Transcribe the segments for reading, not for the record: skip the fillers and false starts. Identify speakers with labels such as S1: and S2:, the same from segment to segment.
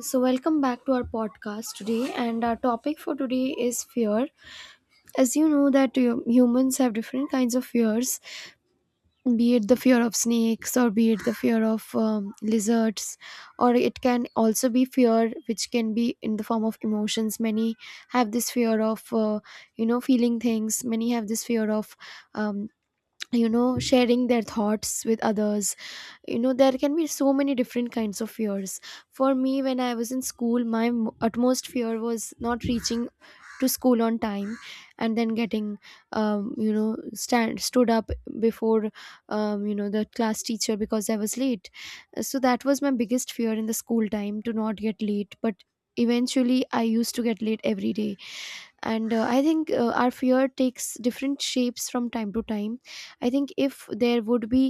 S1: So, welcome back to our podcast today, and our topic for today is fear. As you know, that humans have different kinds of fears, be it the fear of snakes, or be it the fear of lizards, or it can also be fear which can be in the form of emotions. Many have this fear of feeling things. Many have this fear of um, sharing their thoughts with others. There can be so many different kinds of fears. For me, when I was in school, my utmost fear was not reaching to school on time, and then getting you know stand stood up before the class teacher because I was late. So that was my biggest fear in the school time, to not get late, but eventually I used to get late every day. And I think our fear takes different shapes from time to time. I think if there would be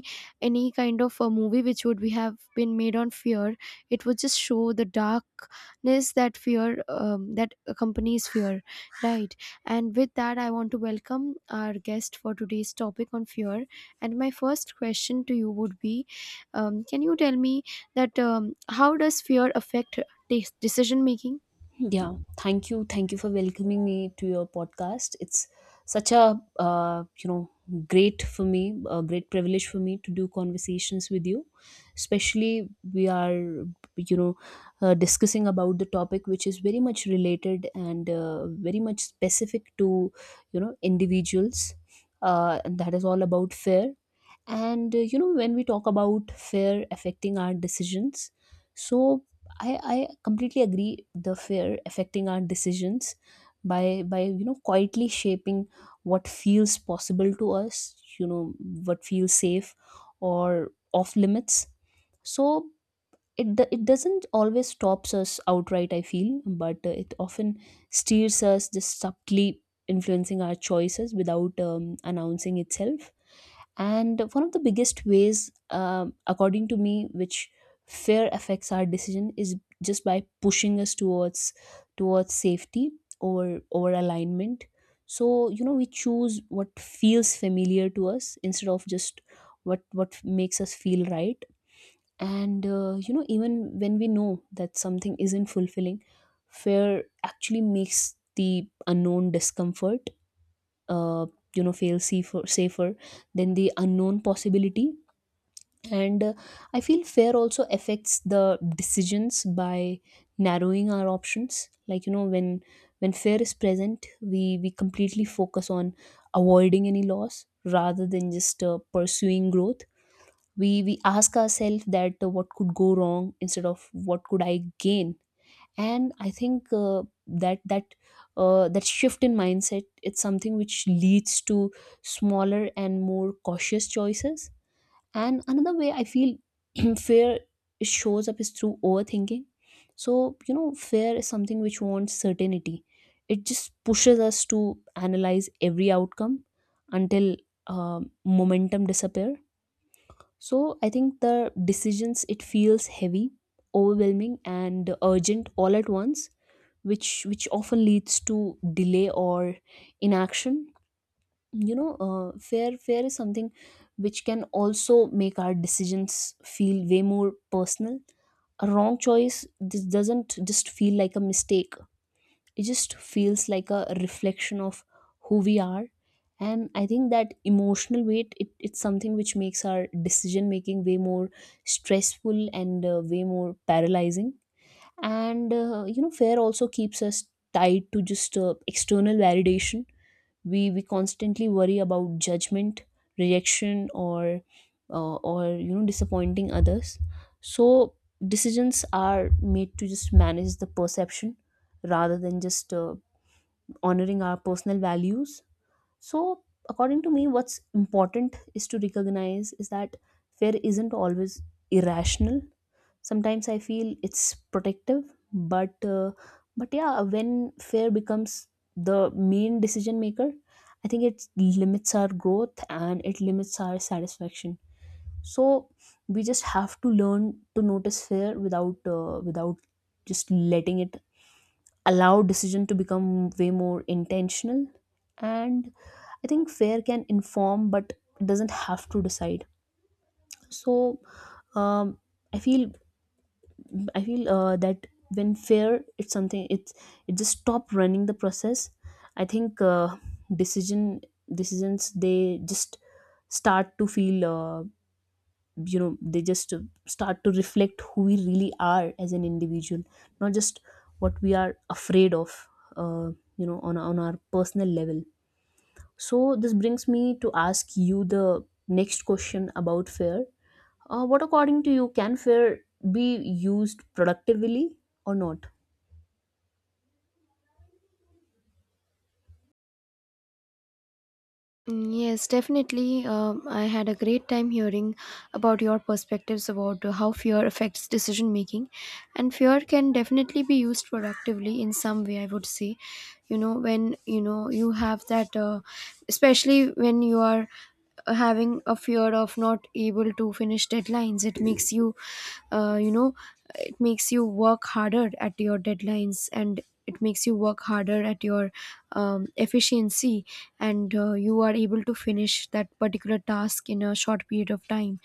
S1: any kind of a movie which would be have been made on fear, it would just show the darkness that fear that accompanies fear, right? And with that, I want to welcome our guest for today's topic on fear. And my first question to you would be, can you tell me that how does fear affect decision making?
S2: Yeah, thank you. Thank you for welcoming me to your podcast. It's such a great for me, a great privilege for me to do conversations with you. Especially we are you know discussing about the topic which is very much related and very much specific to individuals. And that is all about fear and when we talk about fear affecting our decisions, so I completely agree the fear affecting our decisions by quietly shaping what feels possible to us, you know, what feels safe or off limits. So it doesn't always stops us outright, I feel, but it often steers us, just subtly influencing our choices without announcing itself. And one of the biggest ways, according to me, which fear affects our decision is just by pushing us towards safety over alignment. So you know, we choose what feels familiar to us instead of just what makes us feel right. And even when we know that something isn't fulfilling, fear actually makes the unknown discomfort, uh, you know, fail safer, than the unknown possibility. And I feel fear also affects the decisions by narrowing our options. Like, you know, when fear is present, we completely focus on avoiding any loss rather than just pursuing growth. We ask ourselves that what could go wrong instead of what could I gain. And I think that that that shift in mindset, it's something which leads to smaller and more cautious choices. And another way I feel fear shows up is through overthinking. So you know, fear is something which wants certainty. It just pushes us to analyze every outcome until um momentum disappear. So I think the decisions, it feels heavy, overwhelming and urgent all at once, which often leads to delay or inaction. You know, fear is something which can also make our decisions feel way more personal. A wrong choice, this doesn't just feel like a mistake, it just feels like a reflection of who we are. And I think that emotional weight, it's something which makes our decision making way more stressful and way more paralyzing. And fear also keeps us tied to just external validation. We constantly worry about judgment, rejection, or disappointing others. So decisions are made to just manage the perception rather than just honoring our personal values. So according to me, what's important is to recognize is that fear isn't always irrational. Sometimes I feel it's protective. But uh, but yeah, when fear becomes the main decision maker, I think it limits our growth and it limits our satisfaction. So we just have to learn to notice fear without just letting it, allow decision to become way more intentional. And I think fear can inform but doesn't have to decide. So um, i feel I feel that when fear, it's something, it's it just stop running the process. I think decision decisions, they just start to feel they just start to reflect who we really are as an individual, not just what we are afraid of. Uh, you know, on our personal level. So this brings me to ask you the next question about fear. What, according to you, can fair be used productively or not?
S1: Mm, yes, definitely. I had a great time hearing about your perspectives about how fear affects decision making. And fear can definitely be used productively in some way, I would say. When you know you have that, especially when you are having a fear of not able to finish deadlines, it makes uh, you know you work harder at your deadlines, and it makes you work harder at your efficiency. And you are able to finish that particular task in a short period of time.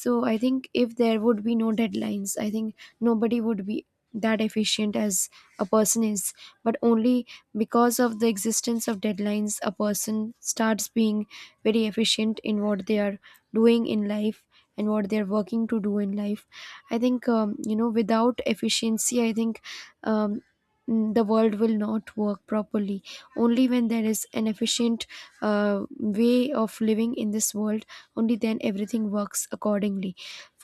S1: So I think if there would be no deadlines, I think nobody would be that efficient as a person is, but only because of the existence of deadlines, a person starts being very efficient in what they are doing in life and what they are working to do in life. I think without efficiency, I think um, the world will not work properly. Only when there is an efficient uh, way of living in this world, only then everything works accordingly.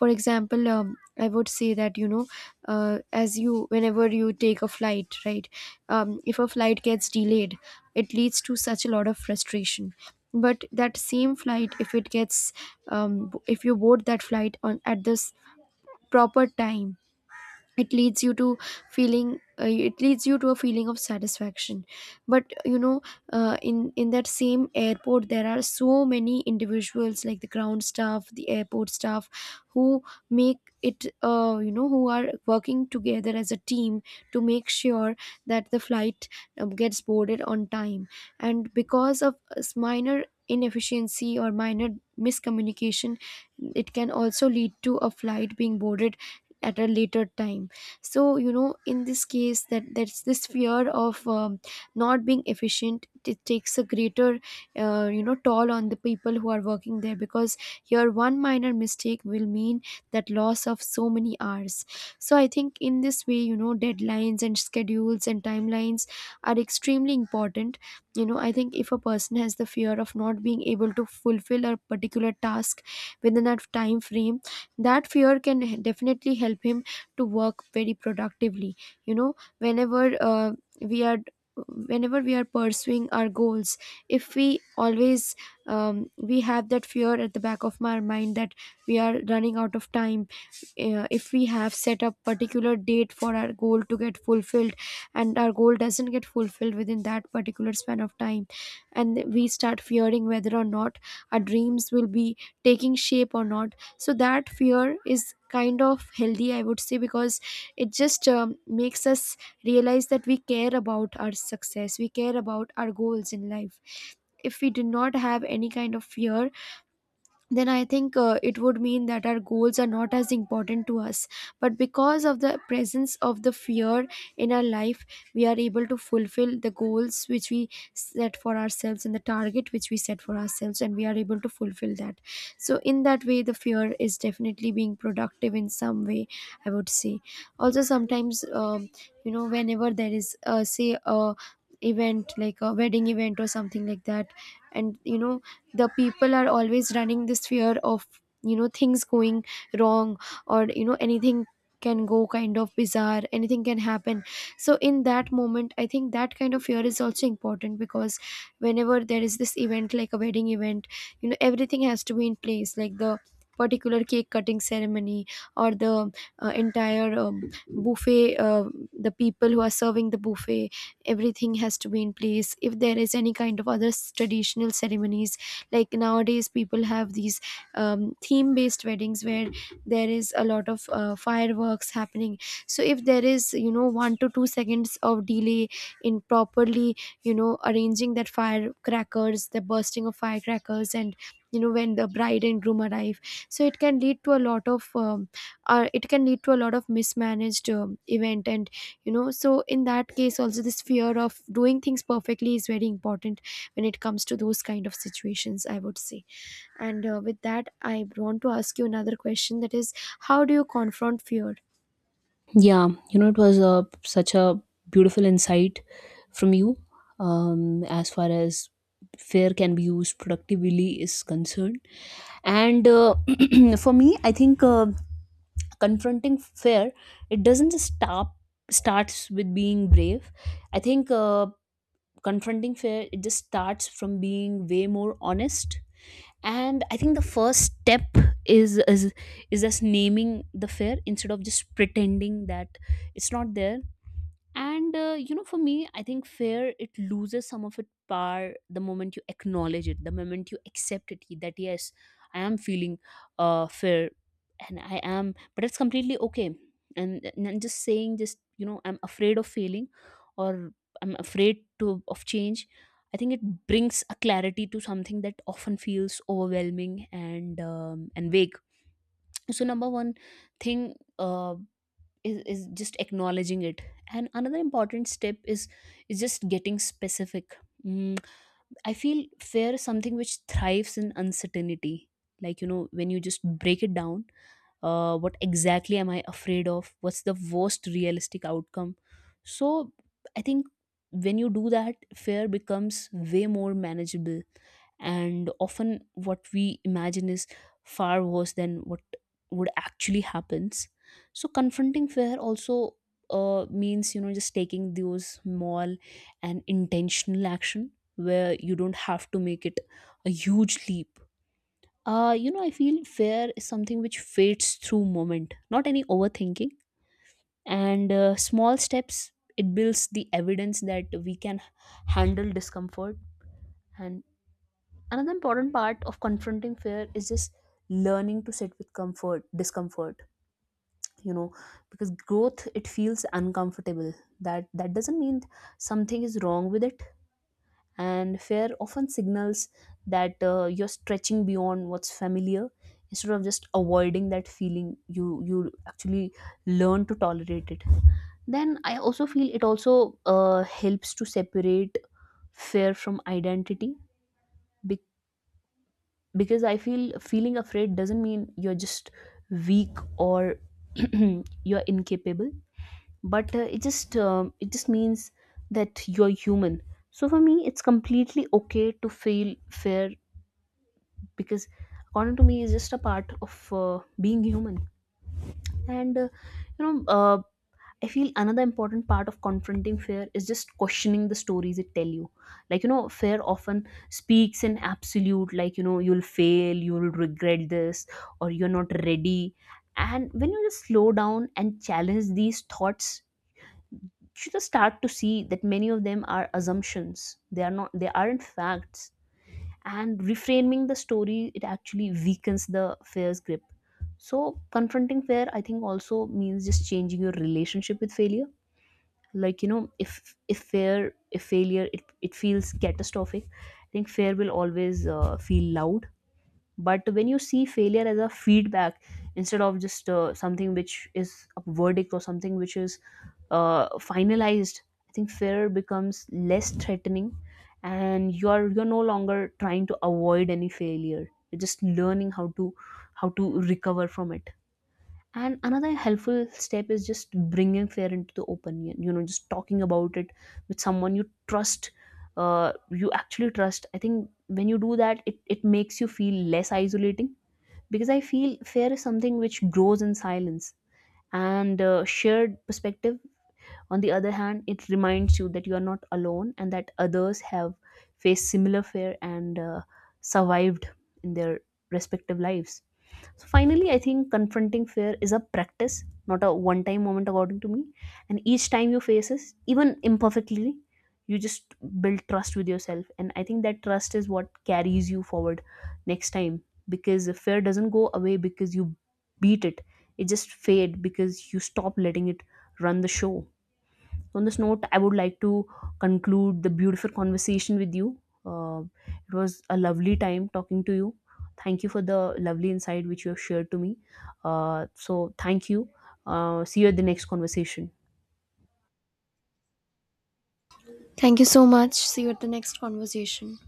S1: For example, I would say that you know uh, as you whenever you take a flight, right? If a flight gets delayed, it leads to such a lot of frustration. But that same flight, if it gets if you board that flight on at this proper time, it leads you to it leads you to a feeling of satisfaction. But in that same airport, there are so many individuals like the ground staff, the airport staff who make it you know who are working together as a team to make sure that the flight gets boarded on time. And because of minor inefficiency or minor miscommunication, it can also lead to a flight being boarded at a later time. So in this case, that's this fear of not being efficient, it takes a greater toll on the people who are working there, because your one minor mistake will mean that loss of so many hours. So I think in this way, deadlines and schedules and timelines are extremely important. I think if a person has the fear of not being able to fulfill a particular task within that time frame, that fear can definitely help him to work very productively. You know whenever uh, we are whenever we are pursuing our goals, if we always we have that fear at the back of our mind that we are running out of time. If we have set a particular date for our goal to get fulfilled, and our goal doesn't get fulfilled within that particular span of time, and we start fearing whether or not our dreams will be taking shape or not. So that fear is kind of healthy, I would say, because it just makes us realize that we care about our success, we care about our goals in life. If we do not have any kind of fear, then I think it would mean that our goals are not as important to us. But because of the presence of the fear in our life, we are able to fulfill the goals which we set for ourselves, and the target which we set for ourselves, and we are able to fulfill that. So, in that way, the fear is definitely being productive in some way, I would say. Also, sometimes, whenever there is, say, a event like a wedding event or something like that, and the people are always running this fear of things going wrong, or anything can go kind of bizarre, anything can happen. So in that moment, I think that kind of fear is also important, because whenever there is this event like a wedding event, everything has to be in place, like the particular cake cutting ceremony, or the entire buffet, the people who are serving the buffet, everything has to be in place. If there is any kind of other traditional ceremonies, like nowadays people have these theme based weddings where there is a lot of fireworks happening. So if there is, 1 to 2 seconds of delay in properly arranging that firecrackers, the bursting of firecrackers, and when the bride and groom arrive, so it can lead to a lot of or it can lead to a lot of mismanaged event. And so in that case also, this fear of doing things perfectly is very important when it comes to those kind of situations, I would say. And with that, I want to ask you another question, that is, how do you confront fear?
S2: Yeah, you know, it was a, such a beautiful insight from you, as far as fair can be used productively is concerned. And for me, I think confronting fair, it doesn't just stop starts with being brave. I think confronting fair, it just starts from being way more honest. And I think the first step is is is just naming the fear instead of just pretending that it's not there. And you know, for me, I think fear, it loses some of its power the moment you acknowledge it, the moment you accept it, that yes, I am feeling fear, and I am, but it's completely okay. And just saying, just, you know, I'm afraid of failing, or I'm afraid to of change. I think it brings a clarity to something that often feels overwhelming and vague. So number one thing. Is just acknowledging it. And another important step is just getting specific. mm, I feel fear is something which thrives in uncertainty. Like, you know, when you just break it down, what exactly am I afraid of, what's the worst realistic outcome? So I think when you do that, fear becomes way more manageable. And often what we imagine is far worse than what would actually happens. So confronting fear also means, you know, just taking those small and intentional action, where you don't have to make it a huge leap. You know, I feel fear is something which fades through moment, not any overthinking. And small steps, it builds the evidence that we can handle discomfort. And another important part of confronting fear is just learning to sit with comfort, discomfort, you know, because growth, it feels uncomfortable. That doesn't mean something is wrong with it. And fear often signals that you're stretching beyond what's familiar. Instead of just avoiding that feeling, you actually learn to tolerate it. Then I also feel it also helps to separate fear from identity. Because I feel feeling afraid doesn't mean you're just weak or you're incapable, but it just means that you're human. So for me, it's completely okay to feel fear, because according to me, it's just a part of being human. And you know uh, I feel another important part of confronting fear is just questioning the stories it tell you. Like, you know, fear often speaks in absolute, like, you know, you'll fail, you'll regret this, or you're not ready. And when you just slow down and challenge these thoughts, you just start to see that many of them are assumptions. They are not. They aren't facts. And reframing the story, it actually weakens the fear's grip. So confronting fear, I think, also means just changing your relationship with failure. Like, you know, if failure, it feels catastrophic, I think fair will always feel loud. But when you see failure as a feedback, instead of just something which is a verdict or something which is finalized, I think fair becomes less threatening. And you're no longer trying to avoid any failure, you're just learning how to recover from it. And another helpful step is just bringing fear into the open, you know, just talking about it with someone you trust, you actually trust. I think when you do that, it makes you feel less isolating, because I feel fear is something which grows in silence. And shared perspective, on the other hand, it reminds you that you are not alone and that others have faced similar fear and survived in their respective lives. So finally, I think confronting fear is a practice, not a one time moment, according to me. And each time you face it, even imperfectly, you just build trust with yourself. And I think that trust is what carries you forward next time. Because the fear doesn't go away because you beat it, it just fade because you stop letting it run the show. So on this note, I would like to conclude the beautiful conversation with you. It was a lovely time talking to you. Thank you for the lovely insight which you have shared to me. So, thank you. See you at the next conversation.
S1: Thank you so much. See you at the next conversation.